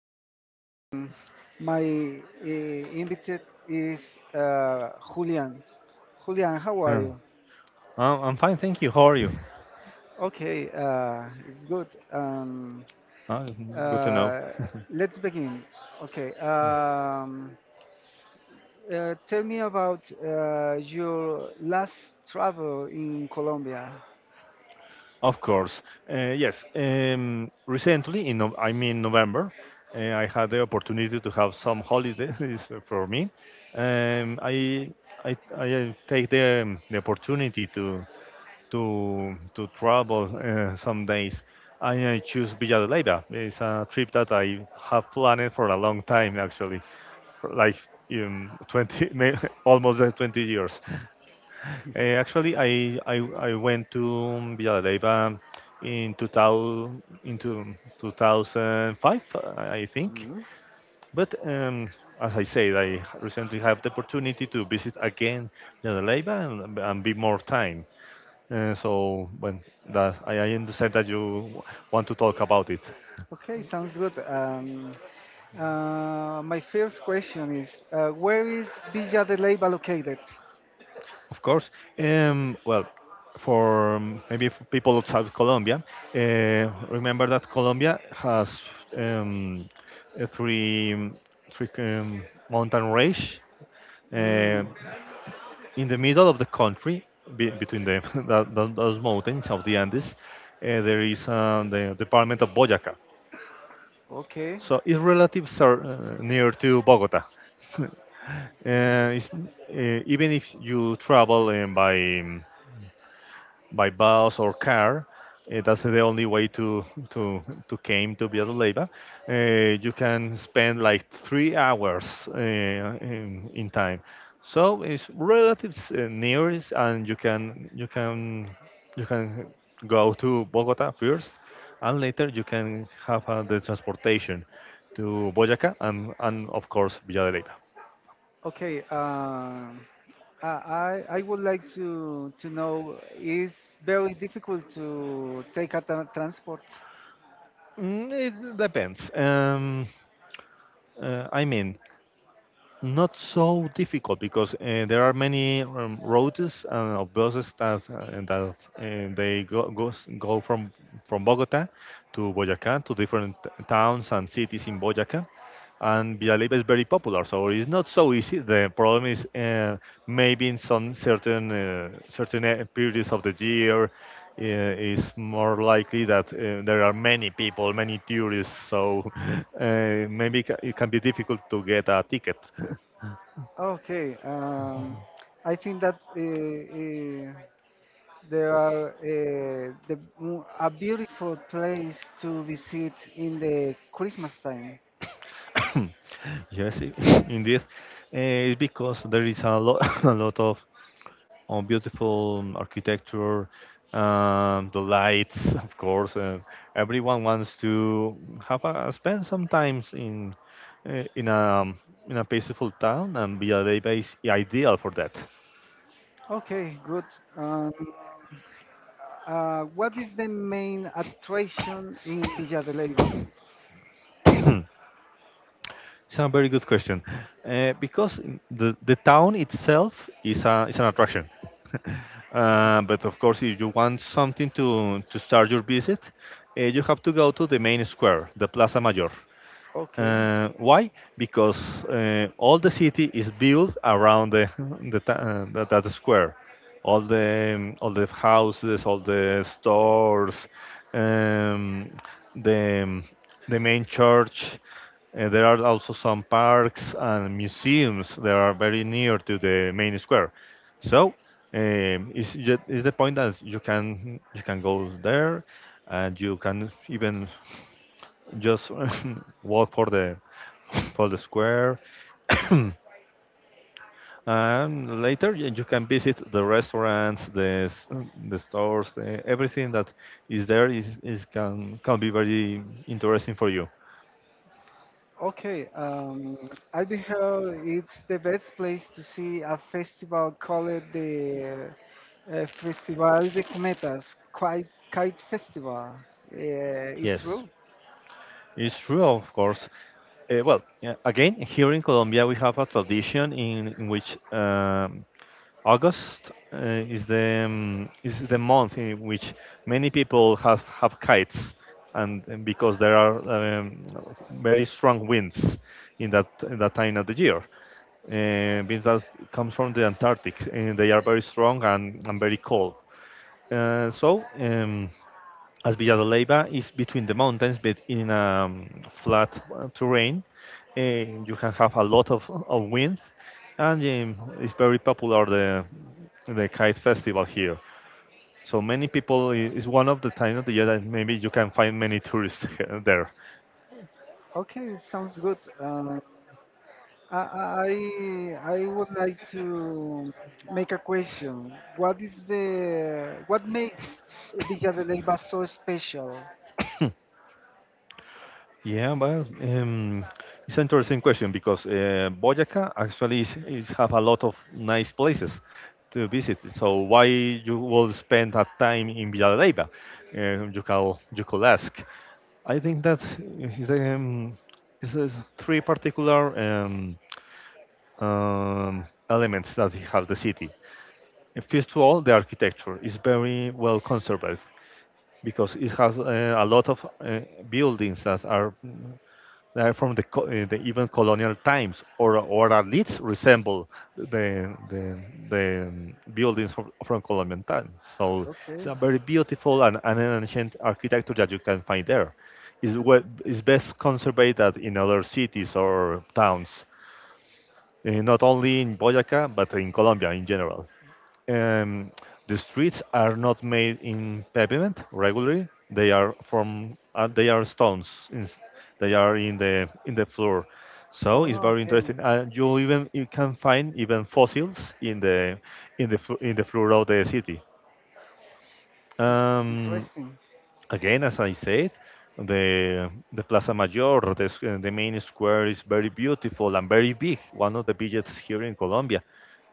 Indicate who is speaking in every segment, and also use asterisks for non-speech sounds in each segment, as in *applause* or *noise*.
Speaker 1: Um, my invited is uh, Julian. Julian, how are
Speaker 2: Uh,
Speaker 1: you?
Speaker 2: I'm fine, thank you. How are you?
Speaker 1: Okay, it's good. Um,
Speaker 2: Uh, good to know.
Speaker 1: Uh, let's begin. Okay. Tell me about your last travel in Colombia.
Speaker 2: Of course. Yes. Recently, in November, I had the opportunity to have some holidays *laughs* for me. Um, I, I take the opportunity to to travel some days. I choose Villa de Leyva. It's a trip that I have planned for a long time, actually, for like um, 20, may- *laughs* almost 20 years. Actually, I went to Villanueva in 2000, into 2005, I think.
Speaker 1: Mhm.
Speaker 2: But as I said, I recently have the opportunity to visit again Villanueva and be more time. So I understand that you want to talk about it.
Speaker 1: Okay, sounds good. My first question is, where is Villa de Leyva located?
Speaker 2: Of course. Well, for maybe for people outside Colombia, remember that Colombia has um, uh, three um, three mountain range uh,
Speaker 1: Mm,
Speaker 2: in the middle of the country, between *laughs* those mountains of the Andes. There is the department of Boyacá.
Speaker 1: okay.
Speaker 2: So its relatives are near to Bogota. *laughs* uh, even if you travel by bus or car. That's the only way to came to Villanueva. Uh, you can spend like 3 hours in time, so it's relatively nearest, and you can go to Bogota first, and later you can have the transportation to Boyacá and of course Villanueva.
Speaker 1: Okay, I would like to know is very difficult to take a transport.
Speaker 2: Mm, it depends. Uh, I mean, Not so difficult because there are many roads and buses that go from Bogota to Boyacá to different towns and cities in Boyacá, and Villalibre is very popular, so it's not so easy. The problem is, maybe in some certain periods of the year, yeah, it's more likely that there are many people, many tourists, so *laughs* it can be difficult to get a ticket.
Speaker 1: Okay, I think that uh, there are the, a beautiful place to visit in the Christmas time.
Speaker 2: *coughs* Yes, *coughs* indeed, it's because there is a lot, *coughs* *laughs* a lot of beautiful architecture, the lights, *laughs* of course. Everyone wants to spend some time in uh, in a in a peaceful town, and Villa Leyva is ideal for that.
Speaker 1: Okay, good. Um, what is the main attraction in Villa de Leyva?
Speaker 2: *coughs* It's a very good question. Because in the town itself is, a, is an attraction. *laughs* But of course, if you want something to start your visit, you have to go to the main square, the Plaza Mayor.
Speaker 1: Okay.
Speaker 2: Why? Because all the city is built around *laughs* that square. All the houses, all the stores, um, the um, the main church. There are also some parks and museums that are very near to the main square. So is the point that you can go there and you can even just *laughs* walk for the *laughs* for the square *coughs* and later you can visit the restaurants the stores, eh, everything that is there is, can be very interesting for you.
Speaker 1: Okay, I beheld it's the best place to see a festival called the Festival de Cometas, Kite, Kite Festival. It's
Speaker 2: Yes,
Speaker 1: true.
Speaker 2: it's true, of course. Eh, well, yeah, again, here in Colombia we have a tradition in which, August is the month in which many people have kites, and because there are very strong winds in that time of the year. Winds that comes from the Antarctic, and they are very strong and very cold. Uh, so. Um, as Villa de Leyva is between the mountains, but in a um, flat terrain, you can have a lot of wind, and it's very popular the kite festival here. So many people, it's one of the times of the year that maybe you can find many tourists *laughs* there.
Speaker 1: Okay, sounds good. I, I would like to make a question. What is the what makes Villa de Leyva so special?
Speaker 2: Yeah, but it's an interesting question because Boyaca actually is have a lot of nice places to visit. So why you will spend that time in Villalba? You can you could ask. I think that is um, is three particular elements that have the city. First of all, the architecture is very well conserved because it has a lot of buildings that are from the even colonial times, or at least resemble the the, the buildings from colonial times. So it's
Speaker 1: Okay.
Speaker 2: a very beautiful and an ancient architecture that you can find there. Is what is best conserved at in other cities or towns, not only in Boyaca but in Colombia in general. Um, the streets are not made in pavement regularly. They are from, they are stones. In, they are in the floor. So it's
Speaker 1: Oh,
Speaker 2: very
Speaker 1: okay. In-
Speaker 2: interesting. You even you can find even fossils in the in the floor of the city. Um,
Speaker 1: Interesting.
Speaker 2: Again, as I said, the Plaza Mayor, the main square is very beautiful and very big, one of the biggest here in Colombia.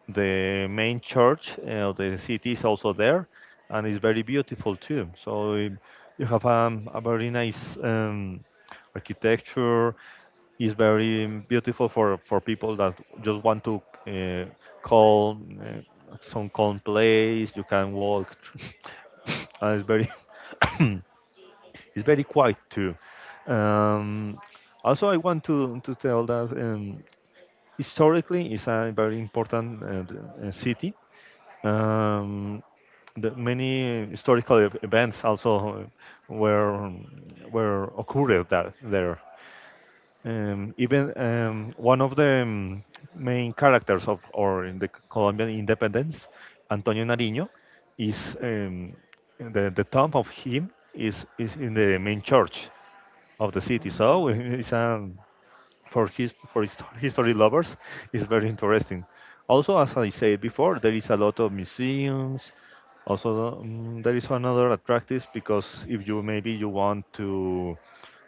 Speaker 2: The main church of the city is also there, and it's very beautiful too. So you have a very nice architecture. It's very beautiful for people that just want to call some calm place. You can walk, *laughs* and it's very *coughs* it's very quiet too. Um, Also, I want to tell that historically it's a very important city. Um, the many historical events also were occurred that, there. Even, one of the main characters of or in the Colombian independence, Antonio Nariño, is, the tomb of him is in the main church of the city.
Speaker 1: Mm.
Speaker 2: So *laughs* it's, for his history lovers, it's very interesting. Also, as I said before, there is a lot of museums. Also, there is another attractive because if you maybe you want to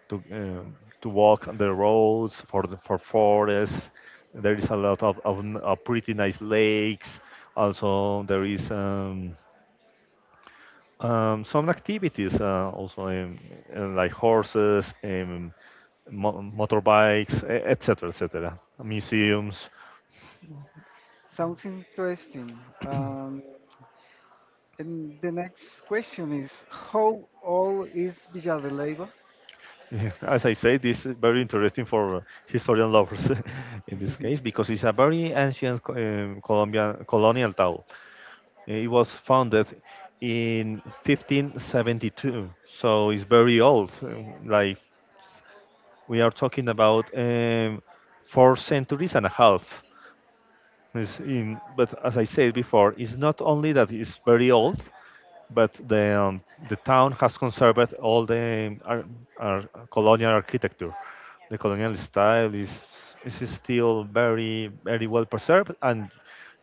Speaker 2: to um, to walk on the roads for the, for forests, there is a lot of pretty nice lakes. Also, there is. Some activities also, like horses, motorbikes, etc., etc. Museums.
Speaker 1: Sounds interesting. Um, and the next question is, how old is Villa de Leyva?
Speaker 2: *laughs* As I say, this is very interesting for historian lovers *laughs* in this
Speaker 1: *laughs*
Speaker 2: case because it's a very ancient Colombian colonial town. It was founded in 1572, so it's very old. So like we are talking about four centuries and a half. It's in, but as I said before, it's not only that it's very old, but the town has conserved all the ar- colonial architecture. The colonial style is still very well preserved, and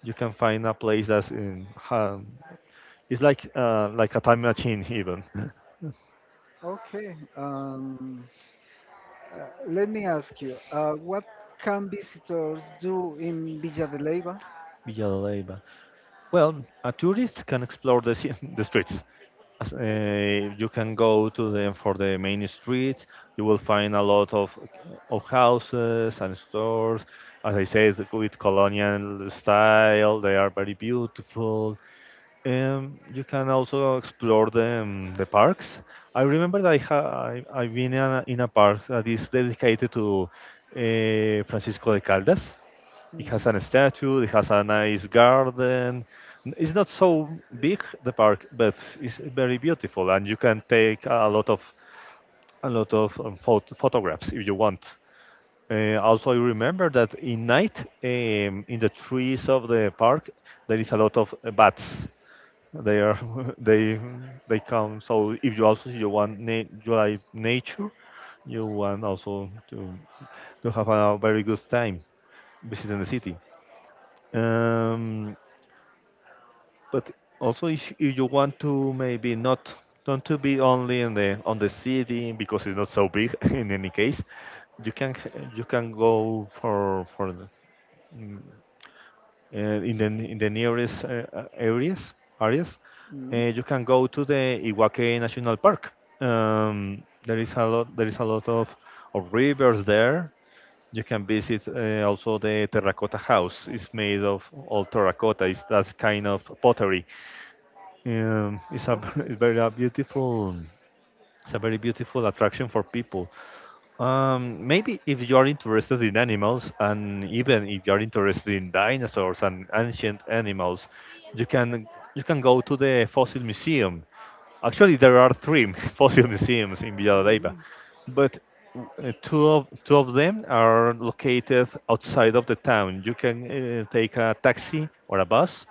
Speaker 2: you can find a place that's in it's like, like a time machine even. *laughs*
Speaker 1: Okay. Let me ask you, what can visitors do in Villa de Leyva?
Speaker 2: Villa de Leyva. Well, a tourist can explore the, *laughs* the streets. As, you can go to them for the main streets. You will find a lot of houses and stores. As I say, it's with colonial style. They are very beautiful. You can also explore the parks. I remember that I've been in a park that is dedicated to Francisco de Caldas. It
Speaker 1: Mm.
Speaker 2: has a statue. It has a nice garden. It's not so big the park, but it's very beautiful, and you can take a lot of photographs if you want. Also, I remember that in night, in the trees of the park, there is a lot of bats. They are *laughs* they they come. So if you also you want, you like nature, you want also to have a very good time visiting the city. Um, But also, if you want to maybe not not to be only in the on the city because it's not so big. *laughs* In any case, you can you can go for the, mm, in the nearest areas.
Speaker 1: Mm.
Speaker 2: You can go to the Iwaque National Park. There is a lot of rivers there. You can visit also the terracotta house. It's made of all terracotta. It's that kind of pottery, it's a *laughs*
Speaker 1: Okay.
Speaker 2: it's very a beautiful it's a very beautiful attraction for people. Maybe if you are interested in animals, and even if you are interested in dinosaurs and ancient animals, you can you can go to the fossil museum. Actually, there are three *laughs* fossil museums in Villalba,
Speaker 1: Mm.
Speaker 2: but two of them are located outside of the town. You can take a taxi or a bus.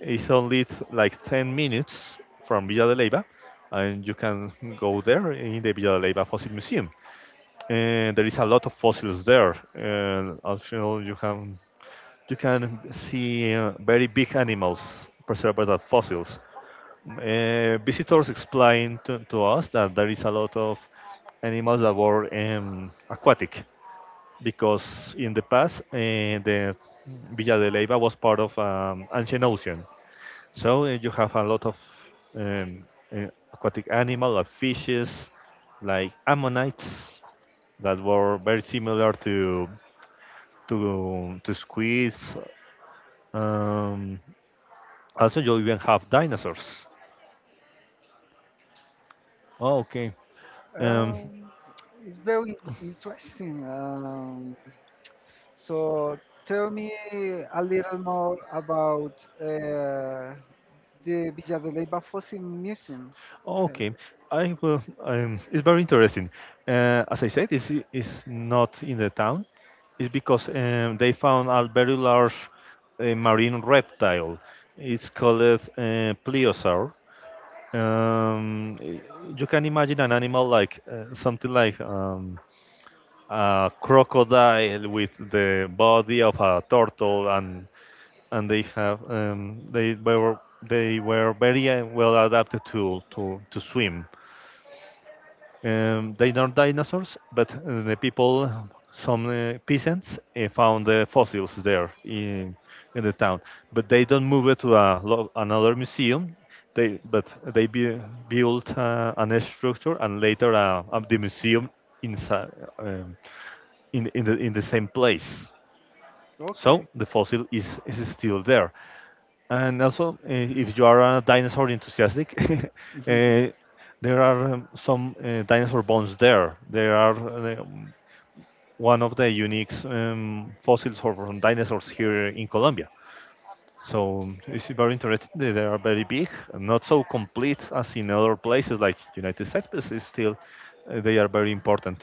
Speaker 2: It's only like 10 minutes from Villa de Leyva, and you can go there in the Villa de Leyva Fossil Museum. And there is a lot of fossils there. And also, you can see very big animals preserved as fossils. Visitors explained to us that there is a lot of animals that were aquatic, because in the past, the Villa de Leyva was part of ancient ocean. So, you have a lot of um, aquatic animal like fishes, like ammonites that were very similar to squids. Um, also, you even have dinosaurs. Oh, okay. Um,
Speaker 1: Um, it's very interesting. So tell me a little more about uh, the Villa de Leyva Fossil Museum. Uh,
Speaker 2: Okay, I will. It's very interesting. As I said, it's not in the town. It's because they found a very large, marine reptile. It's called, plesiosaur. Um, y- you can imagine an animal like, something like a crocodile with the body of a turtle, and and they have um, they were they were very well adapted to swim. They are dinosaurs, but the people, some peasants, found the fossils there in the town. But they don't move it to another museum. They but they be, built an structure and later, the museum inside, um, in the same place. So
Speaker 1: okay.
Speaker 2: the fossil is still there. And also, if you are a dinosaur enthusiastic, *laughs*
Speaker 1: *laughs*
Speaker 2: there are, some dinosaur bones there. There are, one of the unique fossils from dinosaurs here in Colombia. So it's very interesting. They are very big, and not so complete as in other places like United States, but it's still, they are very important.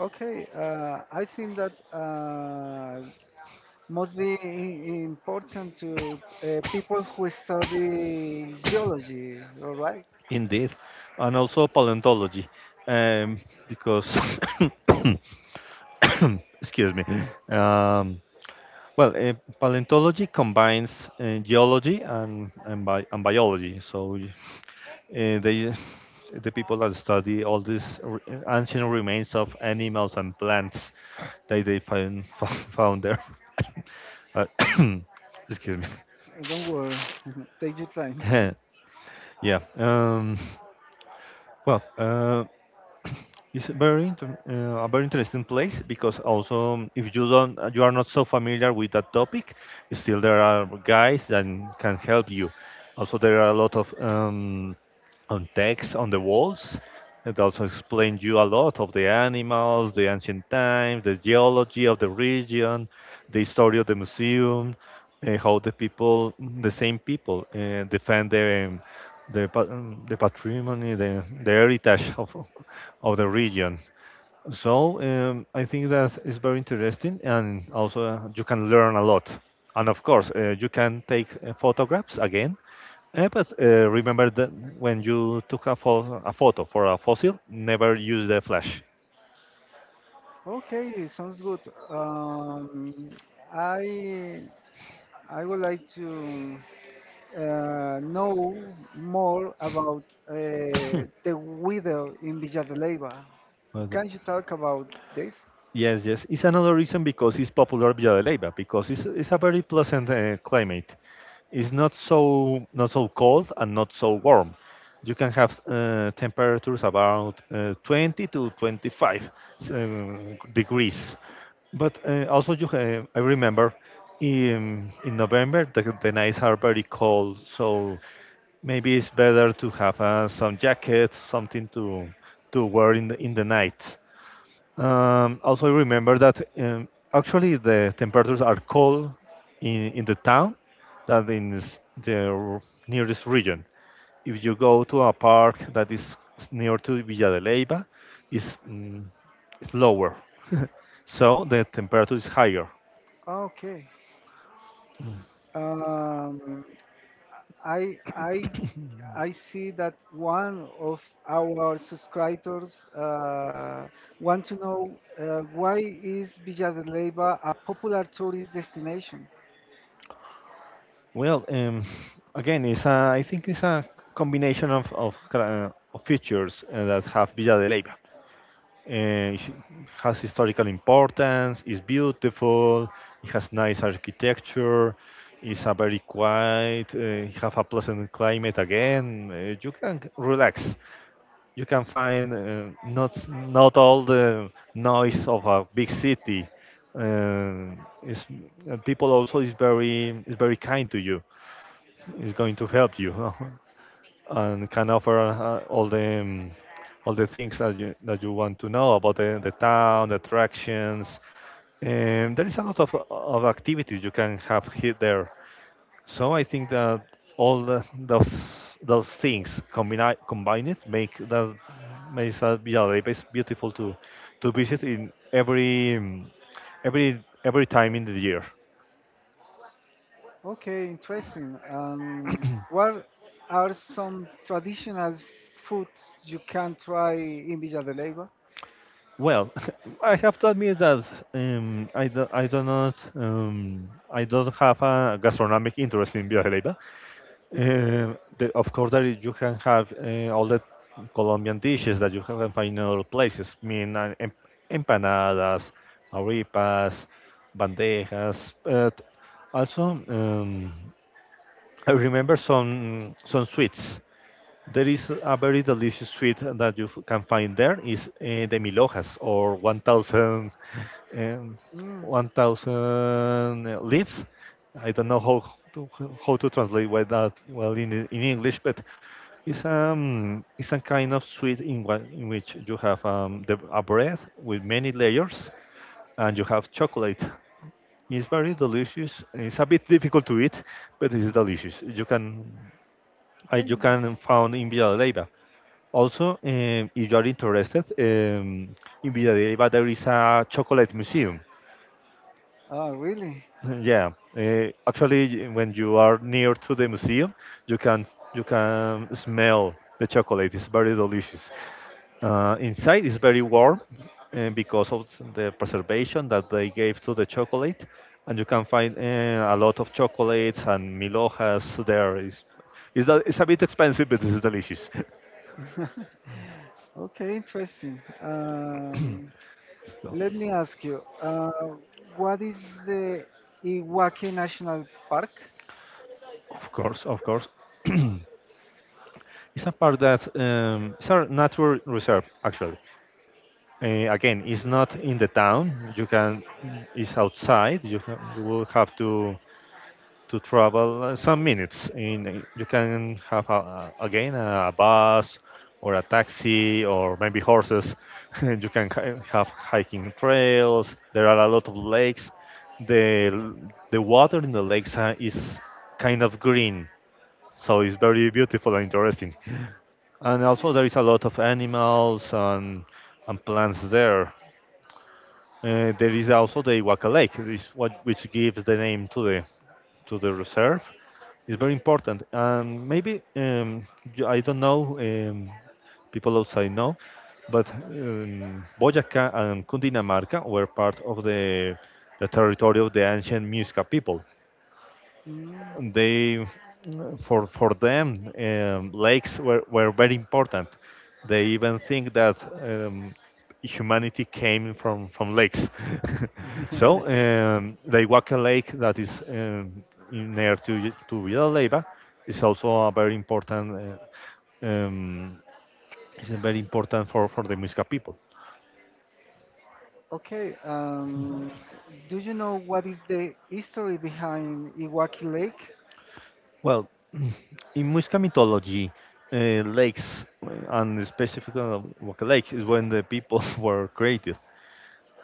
Speaker 1: Okay, I think that must be important to people who study geology, all right?
Speaker 2: Indeed. And also paleontology, um, because *coughs* excuse me. Um, Well, paleontology combines geology and biology. Uh, they the people that study all these, ancient remains of animals and plants that they find *laughs* found there. *coughs* uh, *coughs* Excuse me.
Speaker 1: Don't worry, *laughs* take your time. *laughs*
Speaker 2: *laughs* Yeah. Well. It's a very a very interesting place, because also, if you don't you are not so familiar with that topic, still there are guys that can help you. Also, there are a lot of, on text on the walls. It also explains you a lot of the animals, the ancient times, the geology of the region, the history of the museum, and how the people, the same people, defend their, the patrimony, the heritage of the region. So I think that is very interesting, and also you can learn a lot. And of course, you can take photographs again. But remember that when you took a photo for a fossil, never use the flash.
Speaker 1: Okay, sounds good. Um, I I would like to. Know more about uh, the weather in Villa de Leyva.
Speaker 2: Uh, the-
Speaker 1: Can you talk about this?
Speaker 2: Yes, yes. It's another reason because it's popular Villa de Leyva, because it's a very pleasant climate. It's not so cold and not so warm. You can have temperatures about 20 to 25 degrees. But also, you have, I remember in November the nights are very cold, so maybe it's better to have some jacket, something to wear in the night. Also remember that, actually the temperatures are cold in the town than in nearest region. If you go to a park that is near to Villa de Leyva, it's, mm, it's lower, *laughs* so the temperature is higher.
Speaker 1: Okay. Um, I I I see that one of our subscribers want to know why is Villa de Leyva a popular tourist destination?
Speaker 2: Well, again, I think it's a combination of features that have Villa de Leyva. It has historical importance. It's beautiful. It has nice architecture. It's a very quiet. It have a pleasant climate. Again, you can relax. You can find, not all the noise of a big city. Uh, it's, People also is very kind to you, is going to help you, *laughs* and can offer all the, things that you want to know about the town, the attractions. And there is a lot of activities you can have here there. So I think that all the, those things combined makes that Villa beautiful to visit in every, time in the year.
Speaker 1: Okay, interesting. What are some traditional foods you can try in Villa de Leyva?
Speaker 2: Well, *laughs* I have to admit that, I do not, I don't have a gastronomic interest in Villajeleva. Of course, you can have all the Colombian dishes that you can find in other places. I mean, empanadas, arepas, bandejas, but also, um, I remember some sweets. There is a very delicious sweet that you can find, there is the milojas or 1,000, um,
Speaker 1: Mm,
Speaker 2: 1,000 leaves. I don't know to, how to translate well that well in English, but it's, a kind of sweet in which you have, a bread with many layers, and you have chocolate. It's very delicious. It's a bit difficult to eat, but it's delicious. You can.
Speaker 1: okay.
Speaker 2: You can found in Villalba. Also, if you are interested, in Villalba there is a chocolate museum.
Speaker 1: Oh, really?
Speaker 2: *laughs* Yeah, actually, when you are near to the museum, you can you can smell the chocolate. It's very delicious. Inside is very warm, because of the preservation that they gave to the chocolate, and you can find a lot of chocolates and milhojas there. Is that it's a bit expensive, but it's delicious.
Speaker 1: *laughs* Okay, interesting.
Speaker 2: *laughs* So,
Speaker 1: Let me ask you, what is the Iwaki National Park?
Speaker 2: of course, of course. *clears throat* It's a part that it's a natural reserve actually. Again, it's not in the town. You can, it's outside. You, ha- you will have to travel some minutes. In you can have a- again a bus or a taxi or maybe horses. *laughs* you can hi- have hiking trails. There are a lot of lakes. The l- the water in the lakes is kind of green, so it's very beautiful and interesting. And also there is a lot of animals and plants there. There is also the Iwaka Lake, which, what, which gives the name to the reserve. It's very important. And maybe you- I don't know, people outside know, but Boyacá and Cundinamarca were part of the territory of the ancient Muisca people
Speaker 1: Mm.
Speaker 2: they for them lakes were very important they even think that humanity came from lakes *laughs* so
Speaker 1: *laughs*
Speaker 2: the Iguaca lake that is near to Y- to Villaleiva is also a very important uh, um, is a very important for the Muisca people
Speaker 1: Okay, do you know what is the history behind Iwaki Lake?
Speaker 2: well *clears throat* in Muisca mythology lakes and specifically Iguaca Lake is when the people *laughs* were created.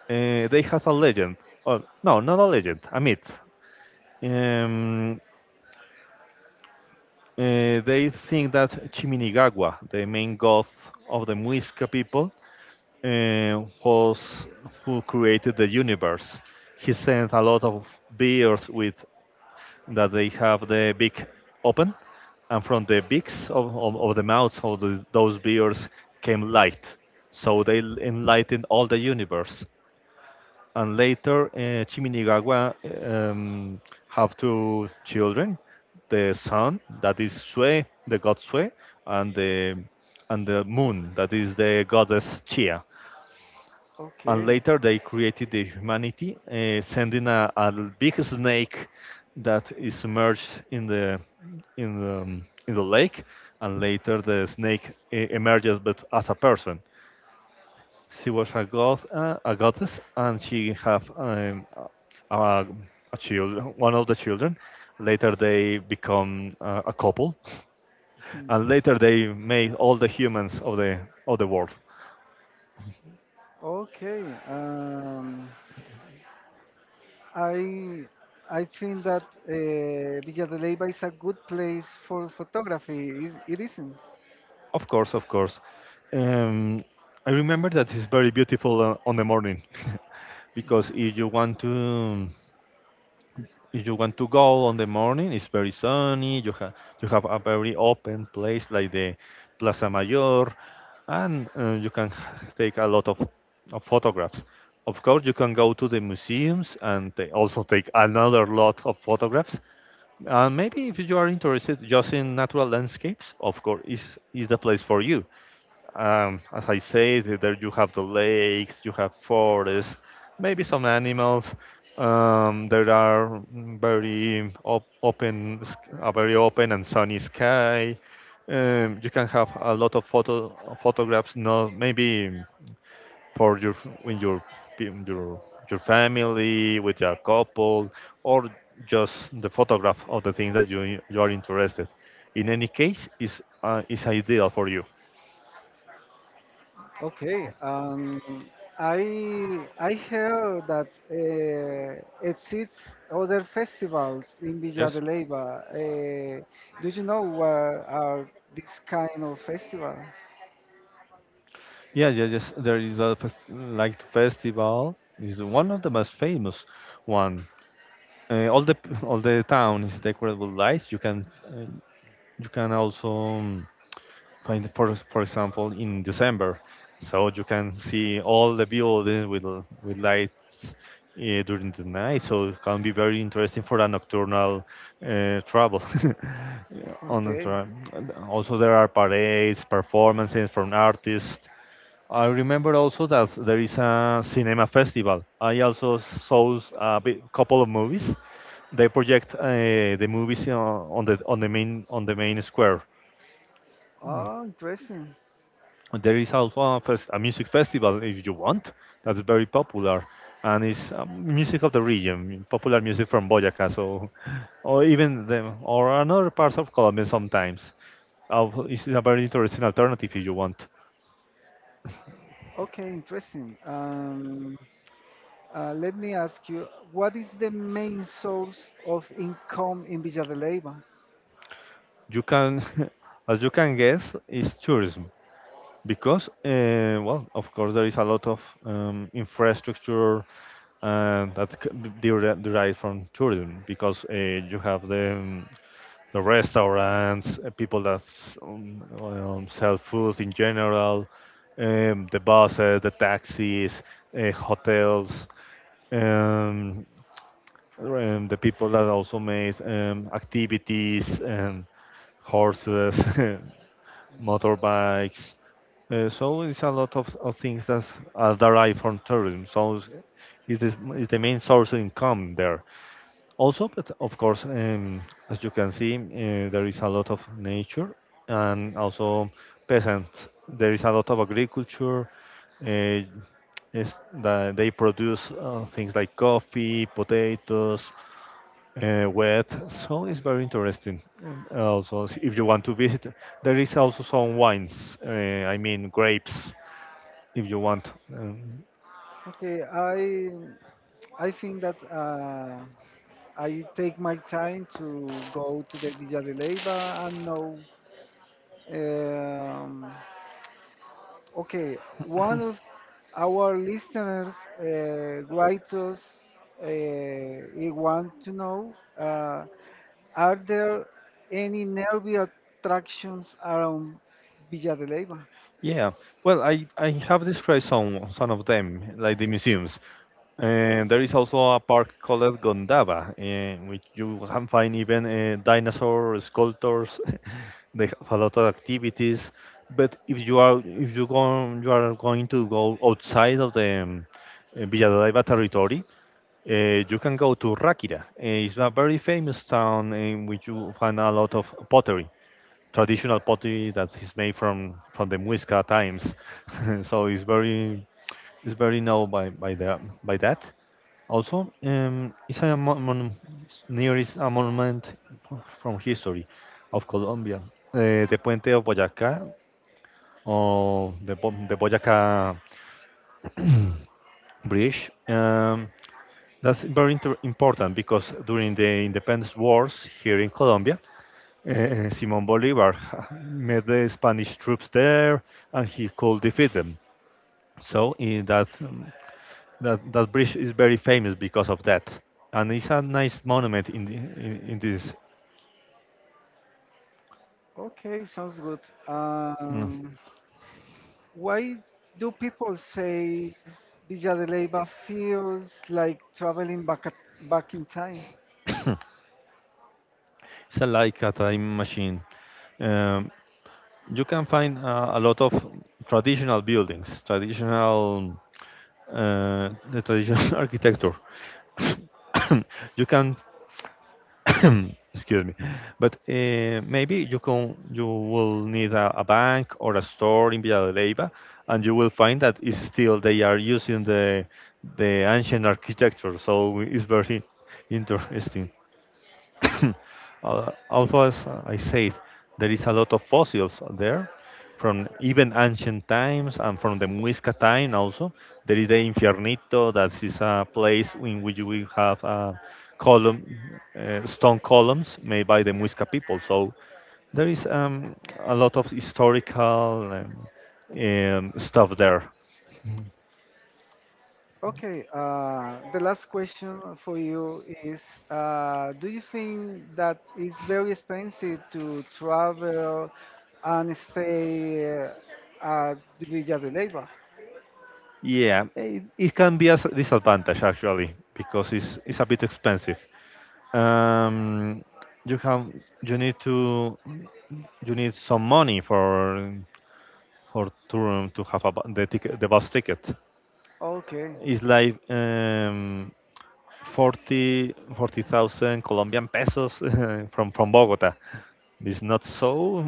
Speaker 2: They have a legend. Oh, no, not a legend, a myth. Um, they think that Chiminigawa, the main god of the Muisca people, was who created the universe. He sent a lot of beers with that they have the beak open, and from the beaks of the mouths of the, those beers came light. So they enlightened all the universe, and later Chiminigagua um, have two children, the sun that is Sue, the god Sue, and the and the moon that is the goddess Chia. And
Speaker 1: Okay.
Speaker 2: later they created the humanity, sending a big snake that is submerged in the in the, in the lake, and later the snake emerges but as a person. She was a god, a goddess, and she have a, a child, one of the children. Later, they become a couple, and later they made all the humans of the world.
Speaker 1: Okay. Um, I I think that Villa de Leyva is a good place for photography. Is it isn't?
Speaker 2: Of course, of course. Um, I remember that it's very beautiful on the morning, *laughs* because if you want to go on the morning, it's very sunny. You have a very open place like the Plaza Mayor, and you can take a lot of photographs. Of course, you can go to the museums and they also take another lot of photographs. And maybe if you are interested just in natural landscapes, of course, is the place for you. As I say, there you have the lakes, you have forests, maybe some animals. There are, mm, very op open, sk- a very open and sunny sky. You can have a lot of photographs, not maybe for your in your in your your family with your couple, or just the photograph of the things that you are interested. In any case, is ideal for you.
Speaker 1: Okay. I heard that exists other festivals in Villa
Speaker 2: Yes.
Speaker 1: de Leyva. Do you know what are this kind of festival? *laughs*
Speaker 2: Yeah, yeah, yes. There is like festival is one of the most famous one. All the *laughs* All the town is decorated with lights. Uh, you can also find, for example, in December, so you can see all the buildings with lights during the night. So it can be very interesting for a nocturnal travel. *laughs* on the
Speaker 1: Okay.
Speaker 2: tra- and also there are parades, performances from artists. I remember also that there is a cinema festival. I also saw a couple of movies. They project the movies on the main square.
Speaker 1: Oh, interesting.
Speaker 2: And there is also a music festival if you want. That's very popular, and it's music of the region, popular music from Boyacá, so or even or another parts of Colombia sometimes. It's a very interesting alternative if you want.
Speaker 1: Okay, interesting. Let me ask you, what is the main source of income in Villa de Leyva?
Speaker 2: You can, *laughs* as you can guess, is tourism. Because, well, of course, there is a lot of infrastructure that derives from tourism. Because you have the restaurants, people that sell food in general, the buses, the taxis, hotels, um, the people that also make activities and horses. *laughs* Motorbikes. So it's a lot of things that are derived from tourism. So it's the main source of income there. Also, but of course, as you can see, there is a lot of nature and also peasants. There is a lot of agriculture. Uh, is that they produce things like coffee, potatoes, wet, so it's very interesting. And also, if you want to visit, there is also some wines. I mean, grapes, if you want.
Speaker 1: Okay, I think that I take my time to go to the Villa de Leyva and know. Um, okay, one of our listeners write us. Uh, he want to know. Are there any nerve attractions around Villa de Leyva?
Speaker 2: Yeah. Well, I have described some of them, like the museums. And there is also a park called Gondava, in which you can find even dinosaur sculptors. *laughs* They have a lot of activities. But if you go, you are going to go outside of the Villanueva territory. You can go to Rakira. It's a very famous town in which you find a lot of pottery, traditional pottery that is made from the Muisca times. *laughs* So it's very known by that. Also, it's a mon- mon- near is a monument from history of Colombia, the Puente of Boyacá, or the Boyacá *clears throat* Bridge. That's very important, because during the independence wars here in Colombia, Simon Bolivar *laughs* met the Spanish troops there and he could defeat them. So that bridge is very famous because of that. And it's a nice monument in this.
Speaker 1: Okay, sounds good.
Speaker 2: Mm.
Speaker 1: Um, why do people say Villa de Leyva feels like traveling back at, back in time?
Speaker 2: *coughs* It's a, like a time machine. Um, you can find a lot of traditional buildings, traditional *laughs* architecture. *coughs* You can *coughs* excuse me, but maybe you will need a bank or a store in Villadeliva, and you will find that is still they are using the ancient architecture, so it's very *laughs* interesting. *coughs* Also, as I said, there is a lot of fossils there from even ancient times and from the Muisca time also. There is the Infiernito, that is a place in which we have column, stone columns made by the Muisca people. So there is a lot of historical stuff there.
Speaker 1: Okay, the last question for you is: Do you think that it's very expensive to travel and stay at Villa de Leyva?
Speaker 2: Yeah, it can be a disadvantage, actually, because it's a bit expensive. um, you have you need to you need some money for to have a, bu- the ticket the bus ticket.
Speaker 1: Okay,
Speaker 2: It's like forty thousand Colombian pesos *laughs* from Bogota. It's not so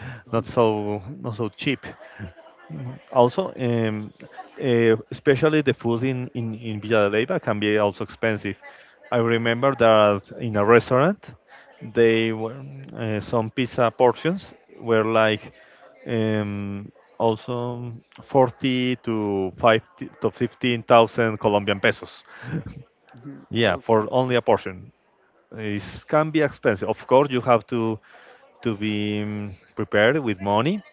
Speaker 2: *laughs* not so cheap. Also, especially the food in Villa de Leyva can be also expensive. I remember that in a restaurant, they were some pizza portions were like um, also 40 to five to 15,000 Colombian pesos. *laughs*
Speaker 1: *laughs*
Speaker 2: Yeah,
Speaker 1: okay.
Speaker 2: for only a portion. It can be expensive. Of course, you have to be prepared with money.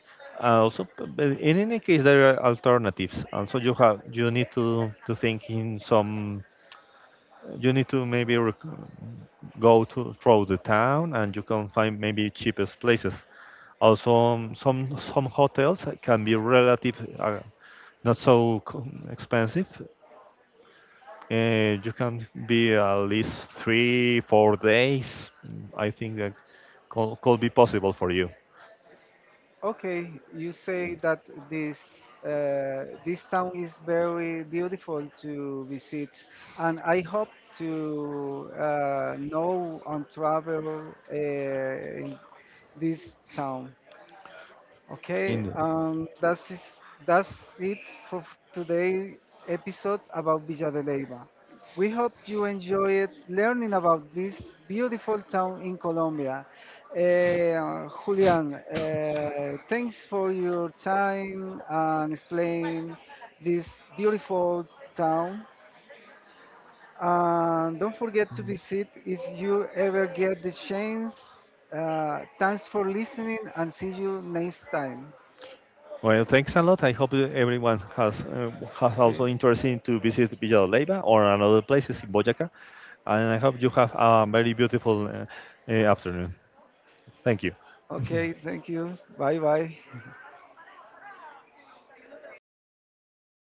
Speaker 2: Also, in any case, there are alternatives. Also, you need to think in some. You need to maybe go to through the town, and you can find maybe cheapest places. Also, some hotels can be relative, not so expensive. You can be at least 3, 4 days. I think that could be possible for you.
Speaker 1: Okay, you say that this this town is very beautiful to visit, and I hope to know and travel in this town. Okay, that's it for today episode about Villa de Leyva. We hope you enjoyed learning about this beautiful town in Colombia. Eh, Julian, thanks for your time and explain this beautiful
Speaker 2: *laughs*
Speaker 1: town. And don't forget to visit if you ever get the chance. Thanks for listening and see you next time.
Speaker 2: Well, thanks a lot. I hope everyone has
Speaker 1: Okay.
Speaker 2: also interested to visit Villa de Leyva or another places in Boyacá, and I hope you have a very beautiful afternoon. Thank you.
Speaker 1: Okay, thank you. Bye bye.